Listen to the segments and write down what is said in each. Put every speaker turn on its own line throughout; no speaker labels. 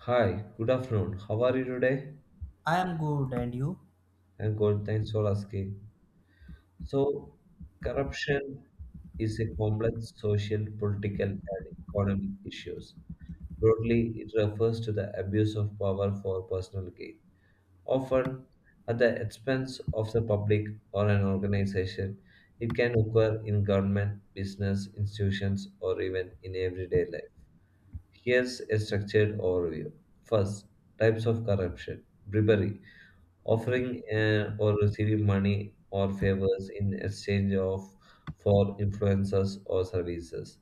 Hi, good afternoon. How are you today?
I am good, and you?
I'm good, thanks for asking. So, corruption is a complex social, political, and economic issues. Broadly, it refers to the abuse of power for personal gain, often at the expense of the public or an organization. It can occur in government, business, institutions, or even in everyday life. Here's a structured overview. First, types of corruption bribery offering or receiving money or favors in exchange of for influences or services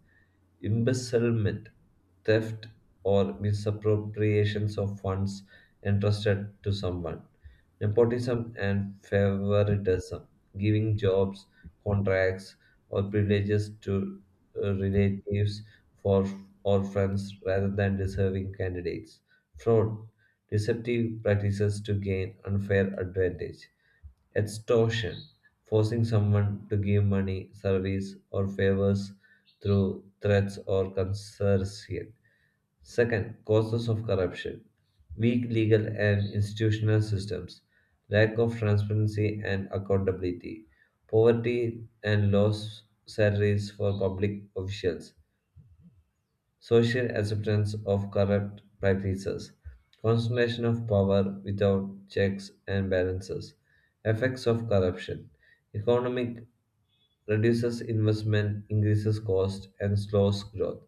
embezzlement, theft, or misappropriations of funds entrusted to someone. Nepotism and favoritism, giving jobs, contracts, or privileges to relatives for or friends rather than deserving candidates. Fraud, deceptive practices to gain unfair advantage. Extortion, forcing someone to give money, service, or favors through threats or coercion. Second, causes of corruption, weak legal and institutional systems, lack of transparency and accountability, poverty and low salaries for public officials, social acceptance of corrupt practices, concentration of power without checks and balances, effects of corruption, economic reduces investment, increases cost, and slows growth.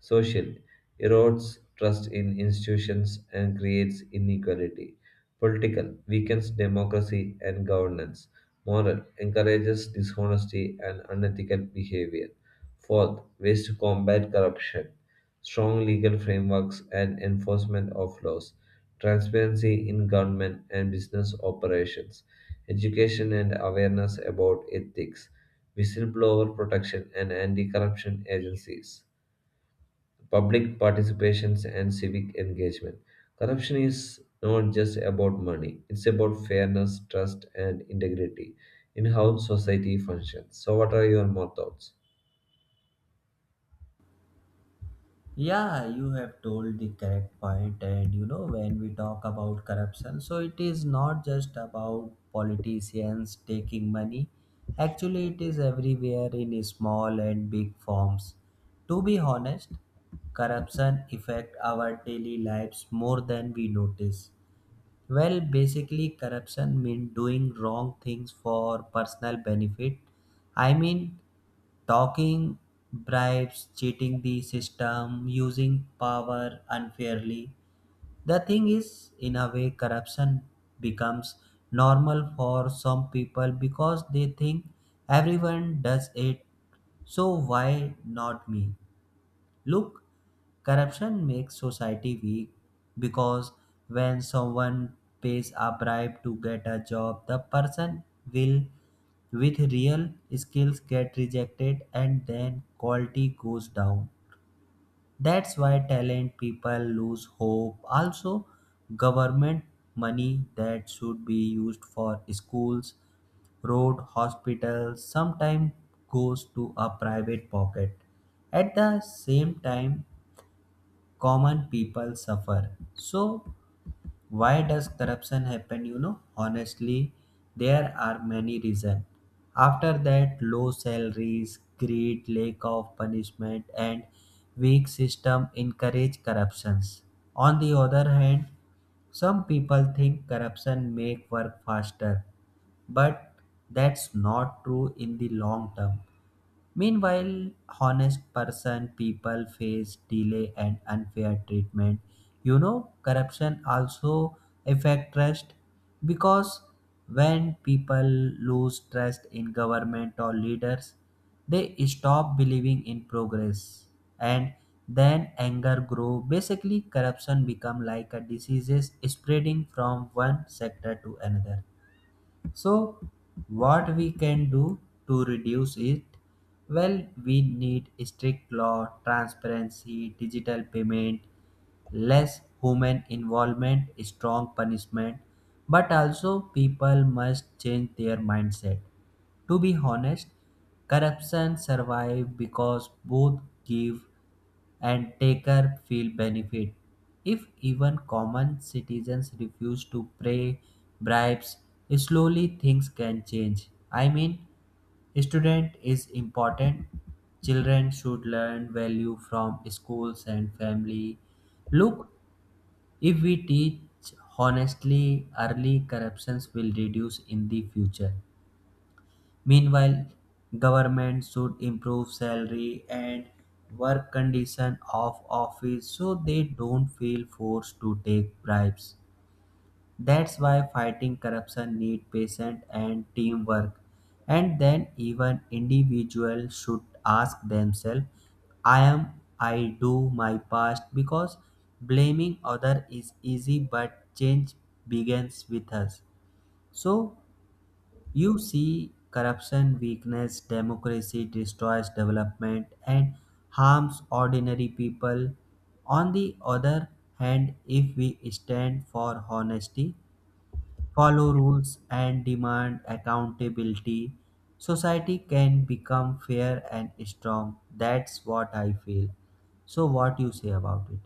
Social erodes trust in institutions and creates inequality. Political weakens democracy and governance. Moral encourages dishonesty and unethical behavior. Fourth, ways to combat corruption. Strong legal frameworks and enforcement of laws. Transparency in government and business operations. Education and awareness about ethics. Whistleblower protection and anti corruption agencies public participations and civic engagement. Corruption is not just about money, it's about fairness, trust, and integrity in how society functions. So, what are your more thoughts?
Yeah, you have told the correct point, and you know, when we talk about corruption, so it is not just about politicians taking money, actually, it is everywhere in small and big forms. To be honest, corruption affect our daily lives more than we notice. Well, basically, corruption means doing wrong things for personal benefit. I mean, talking bribes, cheating the system, using power unfairly. The thing is, in a way, corruption becomes normal for some people because they think everyone does it, so why not me? Look, corruption makes society weak because when someone pays a bribe to get a job, the person will, with real skills, get rejected and then quality goes down. That's why talent people lose hope. Also, government money that should be used for schools, road, hospitals sometimes goes to a private pocket. At the same time, common people suffer. So, why does corruption happen? You know, honestly, there are many reasons. After that, low salaries, greed, lack of punishment, and weak system encourage corruptions. On the other hand, some people think corruption make work faster, but that's not true in the long term. Meanwhile, honest person people face delay and unfair treatment. You know, corruption also affect trust because when people lose trust in government or leaders, they stop believing in progress and then anger grow. Basically, corruption become like a disease spreading from one sector to another. So, what we can do to reduce it? Well, we need strict law, transparency, digital payment, less human involvement, strong punishment, but also people must change their mindset. To be honest, corruption survive because both give and taker feel benefit. If even common citizens refuse to pay bribes, slowly things can change. I mean, student is important. Children should learn value from schools and family. Look, if we teach honestly, early corruptions will reduce in the future. Meanwhile, government should improve salary and work condition of office so they don't feel forced to take bribes. That's why fighting corruption need patience and teamwork. And then even individuals should ask themselves, I do my past because blaming other is easy but change begins with us. So you see, corruption weakness, democracy, destroys development, and harms ordinary people. On the other hand, if we stand for honesty, follow rules, and demand accountability, society can become fair and strong. That's what I feel. So, what you say about it?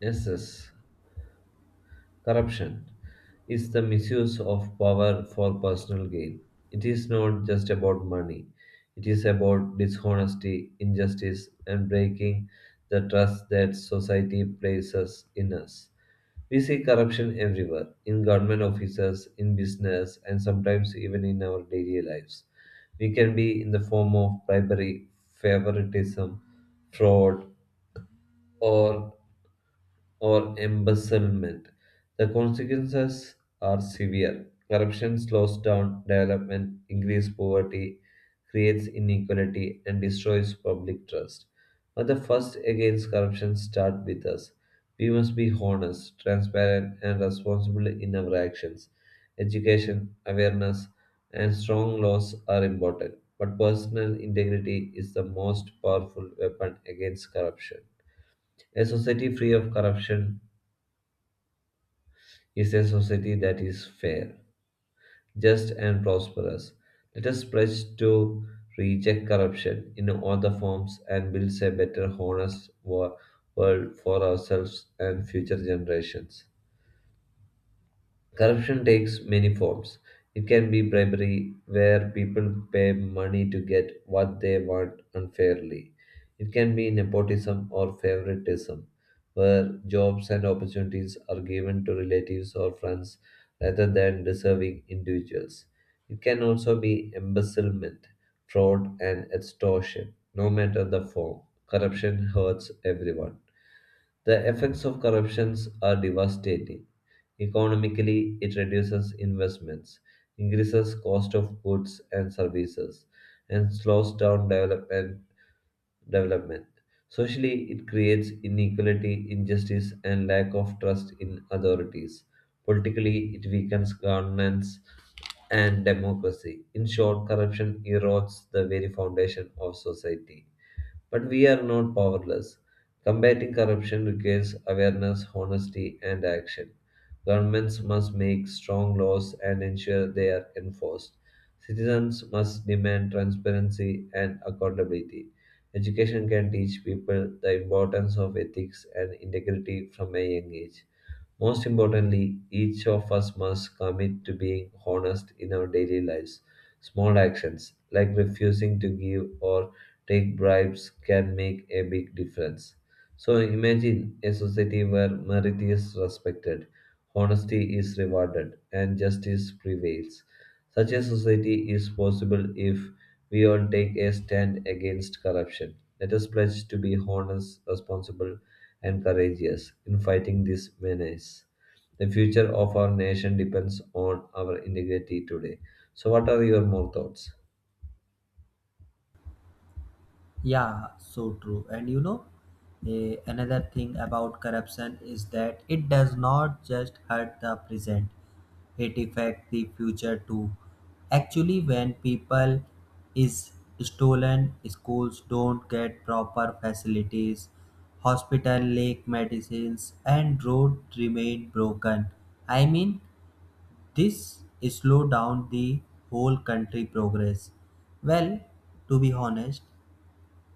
Yes, yes. Corruption is the misuse of power for personal gain. It is not just about money, it is about dishonesty, injustice, and breaking the trust that society places in us. We see corruption everywhere in government offices, in business, and sometimes even in our daily lives. We can be in the form of bribery, favoritism, fraud, or or embezzlement. The consequences are severe. Corruption slows down development, increases poverty, creates inequality, and destroys public trust. But the first against corruption start with us. We must be honest, transparent, and responsible in our actions. Education, awareness, and strong laws are important, but personal integrity is the most powerful weapon against corruption. A society free of corruption is a society that is fair, just, and prosperous. Let us pledge to reject corruption in all the forms and build a better, honest world for ourselves and future generations. Corruption takes many forms. It can be bribery, where people pay money to get what they want unfairly. It can be nepotism or favoritism, where jobs and opportunities are given to relatives or friends rather than deserving individuals. It can also be embezzlement, fraud, and extortion, no matter the form. Corruption hurts everyone. The effects of corruptions are devastating. Economically, it reduces investments, increases cost of goods and services, and slows down development. Development. Socially, it creates inequality, injustice, and lack of trust in authorities. Politically, it weakens governance and democracy. In short, corruption erodes the very foundation of society. But we are not powerless. Combating corruption requires awareness, honesty, and action. Governments must make strong laws and ensure they are enforced. Citizens must demand transparency and accountability. Education can teach people the importance of ethics and integrity from a young age. Most importantly, each of us must commit to being honest in our daily lives. Small actions like refusing to give or take bribes can make a big difference. So imagine a society where merit is respected, honesty is rewarded, and justice prevails. Such a society is possible if we all take a stand against corruption. Let us pledge to be honest, responsible, and courageous in fighting this menace. The future of our nation depends on our integrity today. So, what are your more thoughts?
Yeah, so true. And you know, another thing about corruption is that it does not just hurt the present, it affects the future too. Actually, when people is stolen, schools don't get proper facilities, hospital lack medicines, and road remain broken. I mean, this slow down the whole country progress. Well, to be honest,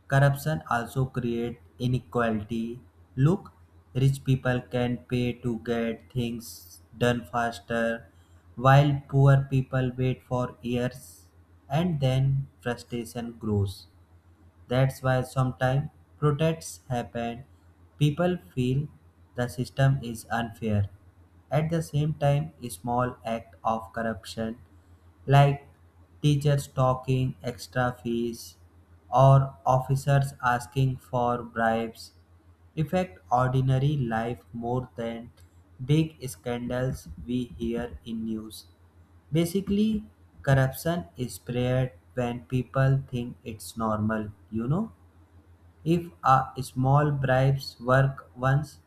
corruption also creates inequality. Look, rich people can pay to get things done faster, while poor people wait for years and then frustration grows. That's why sometimes protests happen. People feel the system is unfair. At the same time, a small act of corruption like teachers talking extra fees or officers asking for bribes affect ordinary life more than big scandals we hear in news. Basically, corruption is spread when people think it's normal. You know, if a small bribes work once,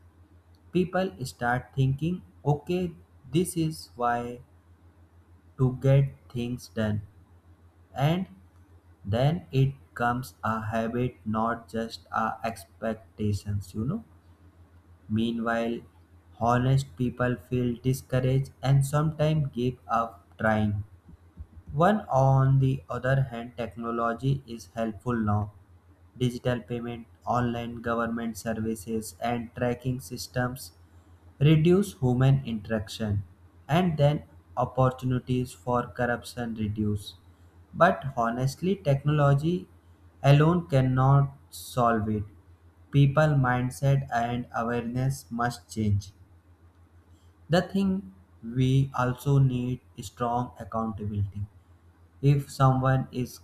people start thinking, okay, this is why to get things done, and then it comes a habit, not just a expectations. You know, meanwhile, honest people feel discouraged and sometimes give up trying. One on the other hand, technology is helpful now. Digital payment, online government services, and tracking systems reduce human interaction, and then opportunities for corruption reduce. But honestly, technology alone cannot solve it. People mindset and awareness must change. The thing we also need is strong accountability. If someone is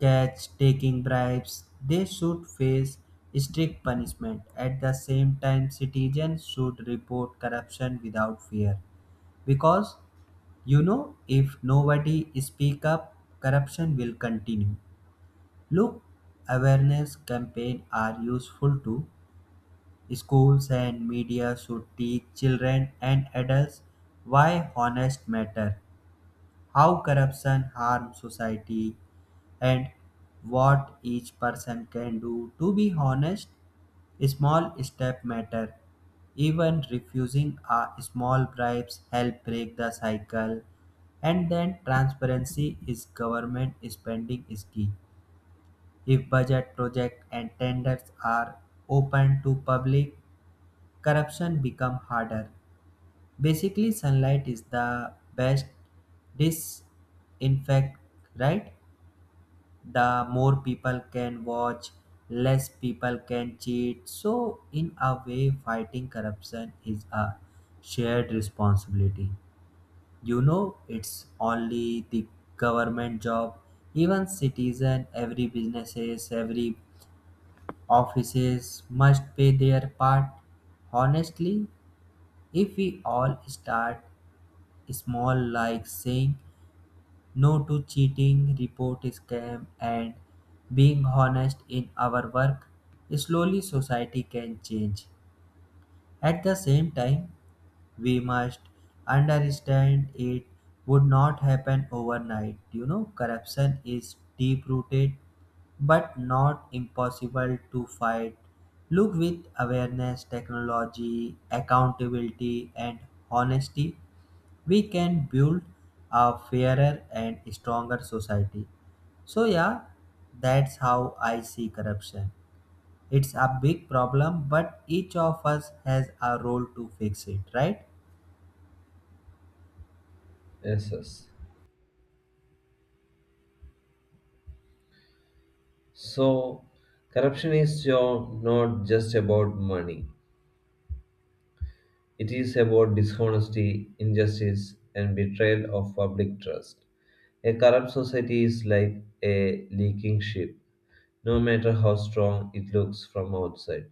catched taking bribes, they should face strict punishment. At the same time, citizens should report corruption without fear. Because, you know, if nobody speak up, corruption will continue. Look, awareness campaign are useful too. Schools and media should teach children and adults why honest matter, how corruption harms society, and what each person can do. To be honest, small step matter. Even refusing a small bribes help break the cycle. And then transparency is government spending is key. If budget project and tenders are open to public, corruption become harder. Basically, sunlight is the best disinfect, right? The more people can watch, less people can cheat. So, in a way, fighting corruption is a shared responsibility. You know, it's only the government job. Even citizen, every businesses, every offices must pay their part. Honestly, if we all start small like saying no to cheating, report scam, and being honest in our work, slowly society can change. At the same time, we must understand it would not happen overnight. You know, corruption is deep rooted but not impossible to fight. Look, with awareness, technology, accountability, and honesty we can build a fairer and stronger society. So, yeah, that's how I see corruption. It's a big problem, but each of us has a role to fix it, right?
Yes, yes. So, corruption is not just about money, it is about dishonesty, injustice, and betrayal of public trust. A corrupt society is like a leaking ship, no matter how strong it looks from outside.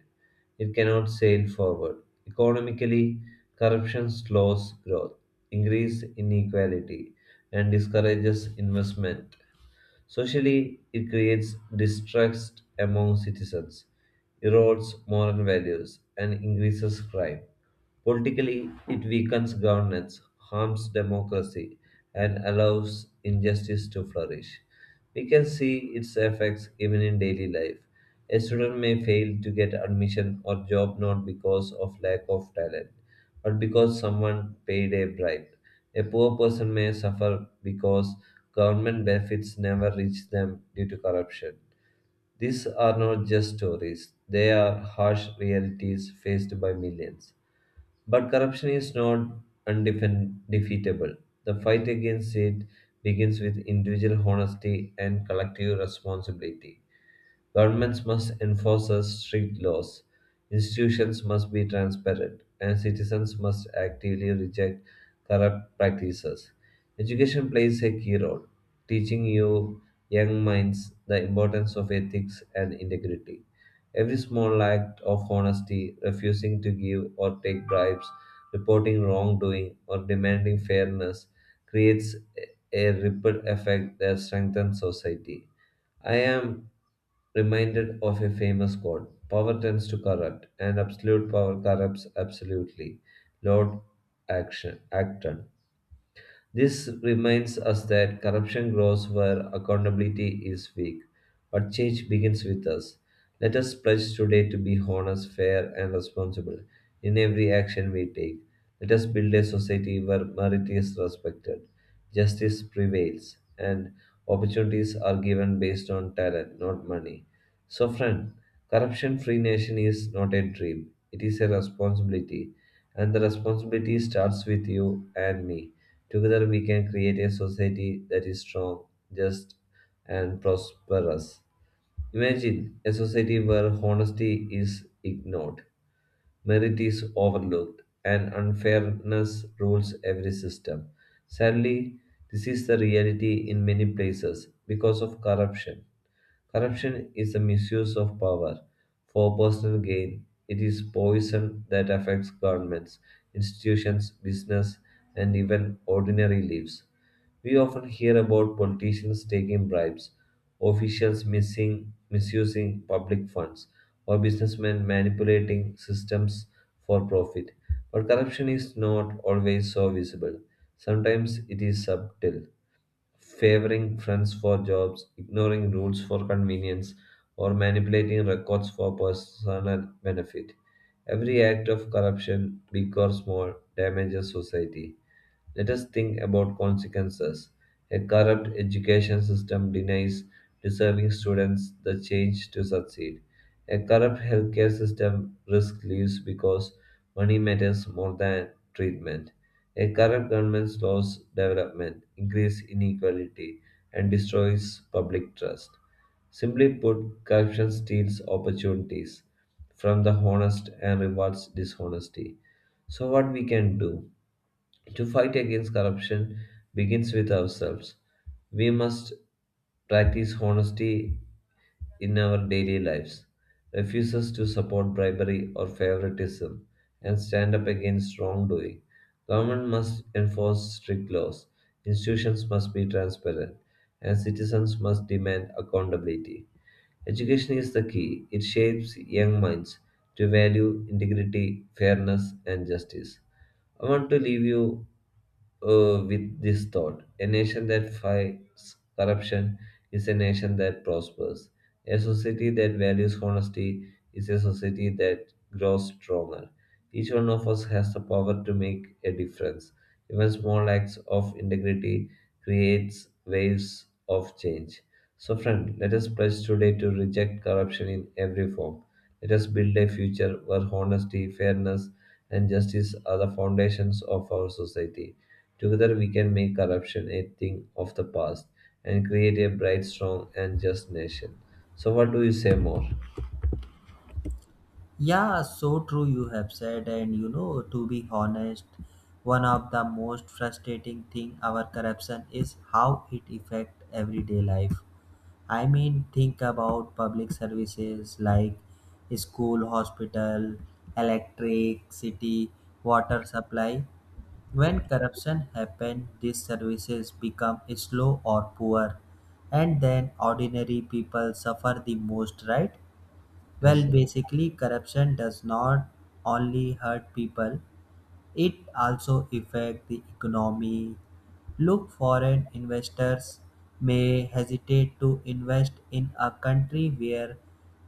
It cannot sail forward. Economically, corruption slows growth, increases inequality, and discourages investment. Socially, it creates distrust among citizens, erodes moral values, and increases crime. Politically, it weakens governance, harms democracy, and allows injustice to flourish. We can see its effects even in daily life. A student may fail to get admission or job not because of lack of talent, but because someone paid a bribe. A poor person may suffer because government benefits never reach them due to corruption. These are not just stories, they are harsh realities faced by millions. But corruption is not undefeatable. The fight against it begins with individual honesty and collective responsibility. Governments must enforce strict laws, institutions must be transparent, and citizens must actively reject corrupt practices. Education plays a key role, teaching you young minds the importance of ethics and integrity. Every small act of honesty, refusing to give or take bribes, reporting wrongdoing, or demanding fairness creates a ripple effect that strengthens society. I am reminded of a famous quote Power tends to corrupt, and absolute power corrupts absolutely. Lord Acton. This reminds us that corruption grows where accountability is weak, but change begins with us. Let us pledge today to be honest, fair, and responsible in every action we take. Let us build a society where merit is respected, justice prevails, and opportunities are given based on talent, not money. So, friend, corruption free nation is not a dream, it is a responsibility and the responsibility starts with you and me. Together we can create a society that is strong, just, and prosperous. Imagine a society where honesty is ignored, merit is overlooked, and unfairness rules every system. Sadly, this is the reality in many places because of corruption. Corruption is the misuse of power for personal gain. It is poison that affects governments, institutions, business, and even ordinary lives. We often hear about politicians taking bribes, officials missing, misusing public funds, or businessmen manipulating systems for profit. But corruption is not always so visible. Sometimes it is subtle favoring friends for jobs, ignoring rules for convenience, or manipulating records for personal benefit. Every act of corruption, big or small, damages society. Let us think about consequences. A corrupt education system denies deserving students the chance to succeed. A corrupt healthcare system risks lives because money matters more than treatment. A corrupt government slows development, increases inequality, and destroys public trust. Simply put, corruption steals opportunities from the honest and rewards dishonesty. So, what we can do? To fight against corruption begins with ourselves. We must practice honesty in our daily lives, refuses to support bribery or favoritism, and stand up against wrongdoing. Government must enforce strict laws, institutions must be transparent, and citizens must demand accountability. Education is the key. It shapes young minds to value integrity, fairness, and justice. I want to leave you with this thought a nation that fights corruption is a nation that prospers. A society that values honesty is a society that grows stronger. Each one of us has the power to make a difference. Even small acts of integrity creates waves of change. So, friend, let us pledge today to reject corruption in every form. Let us build a future where honesty, fairness, and justice are the foundations of our society. Together we can make corruption a thing of the past and create a bright, strong, and just nation. So, what do you say more?
Yeah, so true you have said, and you know, to be honest, one of the most frustrating thing our corruption is how it affect everyday life. I mean, think about public services like school, hospital, electricity, water supply. When corruption happens, these services become slow or poor, and then ordinary people suffer the most, right?
Yes,
Well,
sir.
basically, corruption does not only hurt people, it also affects the economy. Look, foreign investors may hesitate to invest in a country where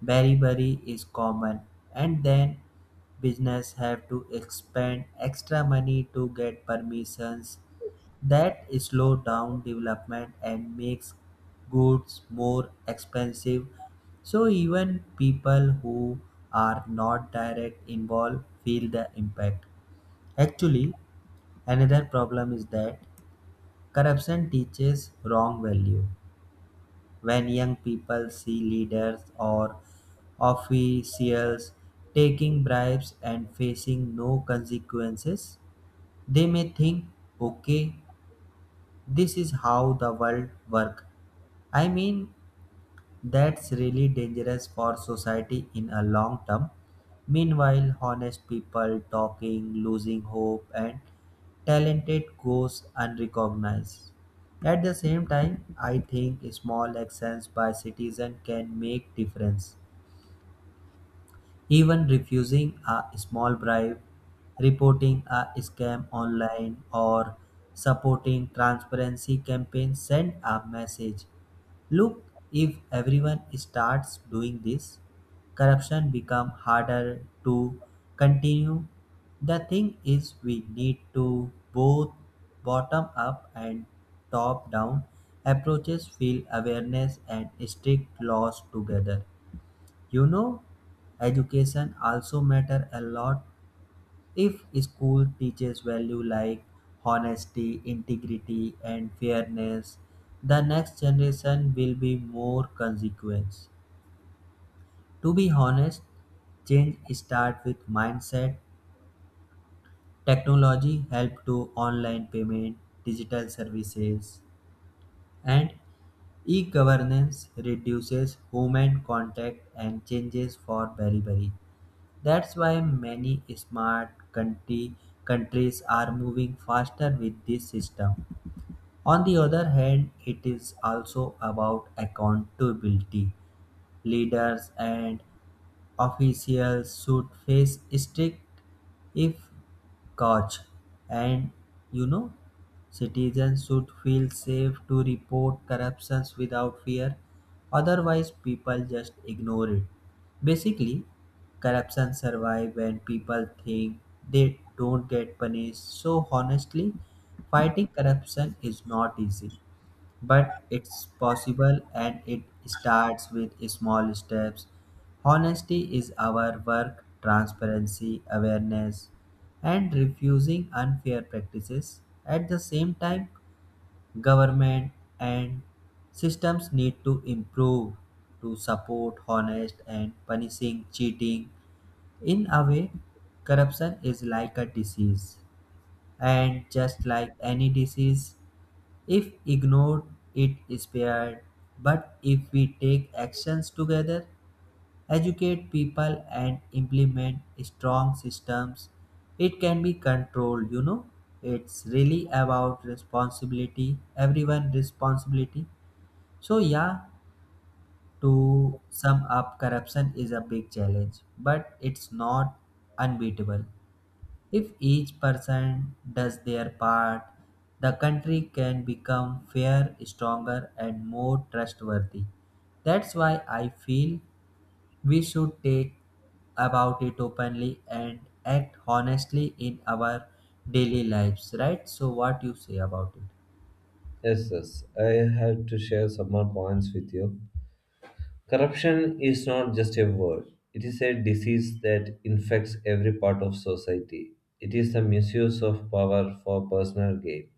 beriberi is common, and then business have to expend extra money to get permissions that slow down development and makes goods more expensive, so even people who are not direct involved feel the impact. Actually, another problem is that corruption teaches wrong value. When young people see leaders or officials taking bribes and facing no consequences, they may think, okay, this is how the world works. I mean, that's really dangerous for society in a long term. Meanwhile, honest people talking, losing hope, and talented goes unrecognized. At the same time, I think small actions by citizens can make difference. Even refusing a small bribe, reporting a scam online, or supporting transparency campaigns send a message. Look, if everyone starts doing this, corruption become harder to continue. The thing is we need to both bottom up and top down approaches feel awareness and strict laws together. You know, education also matter a lot. If school teaches value like honesty, integrity, and fairness, the next generation will be more consequent. To be honest, change starts with mindset. Technology help to online payment, digital services, and e-governance reduces human contact and changes for very. That's why many countries are moving faster with this system. On the other hand, it is also about accountability. Leaders and officials should face strict if caught, and you know, citizens should feel safe to report corruptions without fear, otherwise people just ignore it. Basically, corruption survives when people think they don't get punished. So honestly, fighting corruption is not easy, but it's possible and it starts with small steps. Honesty is our work, transparency, awareness, and refusing unfair practices. At the same time, government and systems need to improve to support honest and punishing cheating. In a way, corruption is like a disease, and just like any disease, if ignored, it is spared. But if we take actions together, educate people and implement strong systems, it can be controlled. You know, it's really about responsibility, everyone responsibility. So yeah, to sum up, corruption is a big challenge but it's not unbeatable. If each person does their part, the country can become fair, stronger and more trustworthy. That's why I feel we should take about it openly and act honestly in our daily lives, right? So, what you say about it?
Yes, yes. I have to share some more points with you. Corruption is not just a word, it is a disease that infects every part of society. It is the misuse of power for personal gain.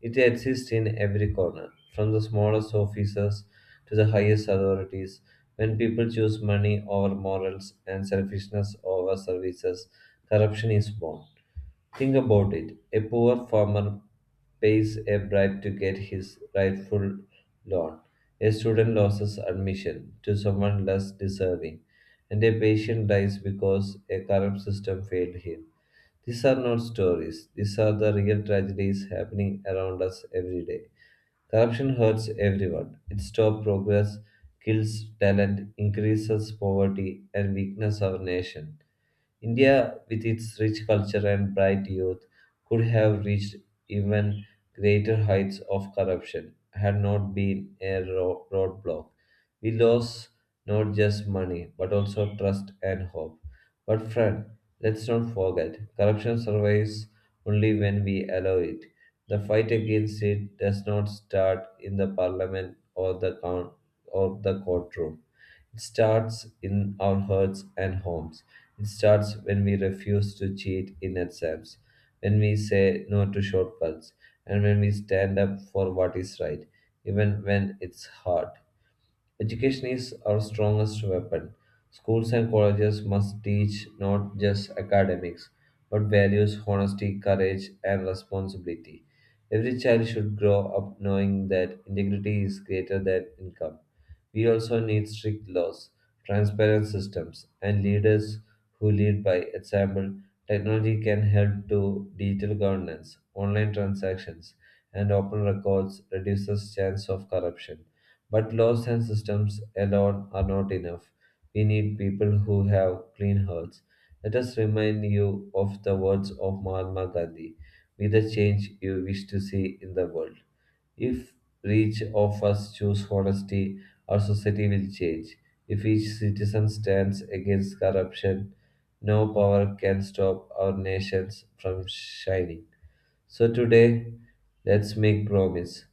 It exists in every corner, from the smallest officers to the highest authorities. When people choose money over morals and selfishness over services, corruption is born. Think about it. A poor farmer pays a bribe to get his rightful loan. A student loses admission to someone less deserving. And a patient dies because a corrupt system failed him. These are not stories. These are the real tragedies happening around us every day. Corruption hurts everyone. It stops progress, kills talent, increases poverty, and weakens our nation. India, with its rich culture and bright youth, could have reached even greater heights of corruption had not been a roadblock. We lost not just money, but also trust and hope. But, friend, let's not forget corruption survives only when we allow it. The fight against it does not start in the parliament or the, coun or the courtroom. It starts in our hearts and homes. It starts when we refuse to cheat in exams, when we say no to shortcuts, and when we stand up for what is right, even when it's hard. Education is our strongest weapon. Schools and colleges must teach not just academics, but values, honesty, courage, and responsibility. Every child should grow up knowing that integrity is greater than income. We also need strict laws, transparent systems, and leaders who lead by example. Technology can help to digital governance, online transactions, and open records reduces chance of corruption. But laws and systems alone are not enough. We need people who have clean hearts. Let us remind you of the words of Mahatma Gandhi. Be the change you wish to see in the world. If each of us choose honesty, our society will change. If each citizen stands against corruption, no power can stop our nations from shining. So today, let's make promise.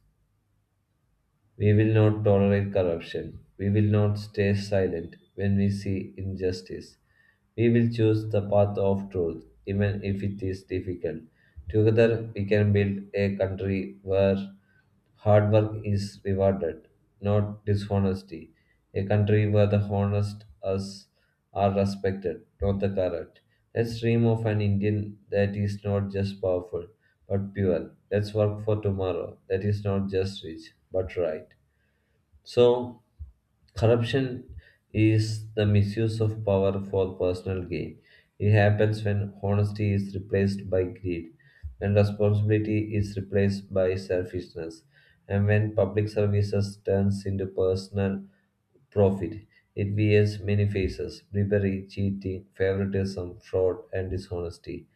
We will not tolerate corruption. We will not stay silent when we see injustice. We will choose the path of truth, even if it is difficult. Together, we can build a country where hard work is rewarded, not dishonesty. A country where the honest us are respected, not the corrupt. Let's dream of an Indian that is not just powerful, but pure. Let's work for tomorrow that is not just rich, but right. So, corruption is the misuse of power for personal gain. It happens when honesty is replaced by greed, when responsibility is replaced by selfishness, and when public services turns into personal profit. It wears many faces: bribery, cheating, favoritism, fraud, and dishonesty.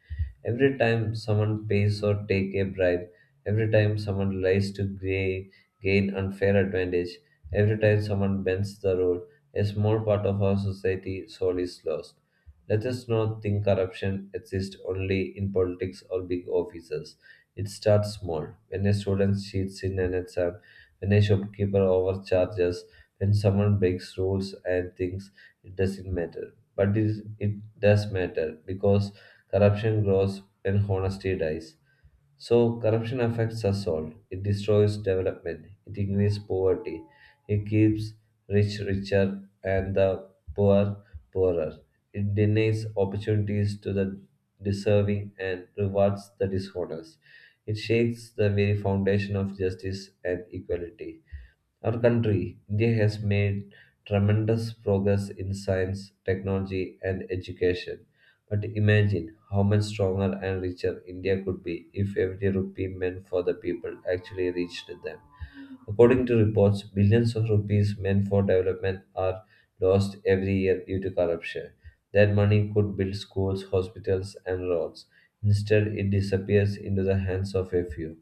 Every time someone pays or take a bribe, every time someone lies to gain unfair advantage, every time someone bends the road, a small part of our society soul is lost. Let us not think corruption exists only in politics or big offices. It starts small. When a student cheats in an exam, when a shopkeeper overcharges, when someone breaks rules and thinks it doesn't matter. But it does matter because corruption grows when honesty dies. So, corruption affects us all. It destroys development, it increases poverty, it keeps rich richer and the poor poorer. It denies opportunities to the deserving and rewards the dishonest. It shakes the very foundation of justice and equality. Our country, India, has made tremendous progress in science, technology, and education. But imagine how much stronger and richer India could be if every rupee meant for the people actually reached them. According to reports, billions of rupees meant for development are lost every year due to corruption. That money could build schools, hospitals, and roads. Instead, it disappears into the hands of a few.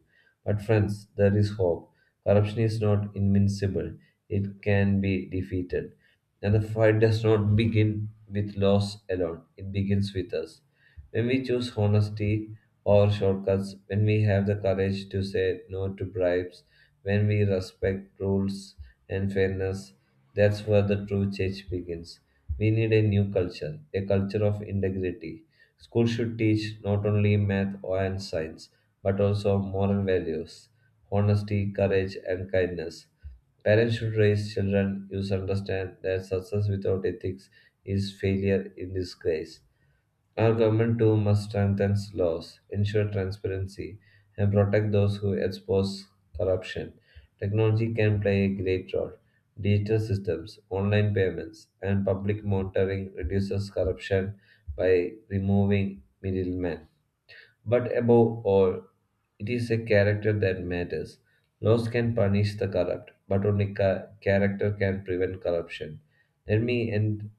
But, friends, there is hope. Corruption is not invincible, it can be defeated. And the fight does not begin with laws alone, it begins with us. When we choose honesty or shortcuts, when we have the courage to say no to bribes, when we respect rules and fairness, that's where the true change begins. We need a new culture, a culture of integrity. Schools should teach not only math and science, but also moral values, honesty, courage, and kindness. Parents should raise children who understand that success without ethics is failure in disgrace. Our government too must strengthen laws, ensure transparency, and protect those who expose corruption. Technology can play a great role. Digital systems, online payments, and public monitoring reduces corruption by removing middlemen. But above all, it is a character that matters. Laws can punish the corrupt, but only character can prevent corruption. Let me end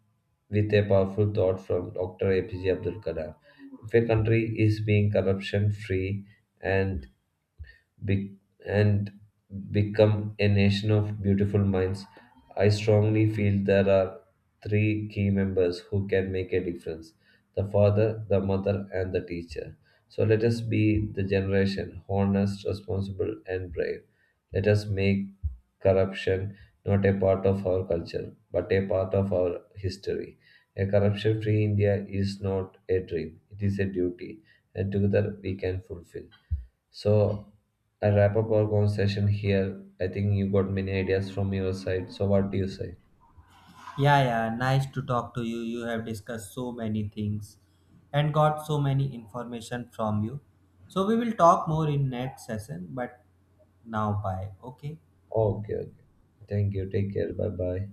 with a powerful thought from Dr. APJ Abdul Kalam. If a country is being corruption free and be- and become a nation of beautiful minds, I strongly feel there are three key members who can make a difference: the father, the mother, and the teacher. So let us be the generation honest, responsible, and brave. Let us make corruption not a part of our culture, but a part of our history. A corruption free India is not a dream, it is a duty, and together we can fulfill. So I wrap up our conversation here. I think you got many ideas from your side. So what do you say?
Yeah, yeah, nice to talk to you. You have discussed so many things and got so many information from you. So, we will talk more in next session, but now bye. Okay.
Okay, okay. Thank you. Take care. Bye bye.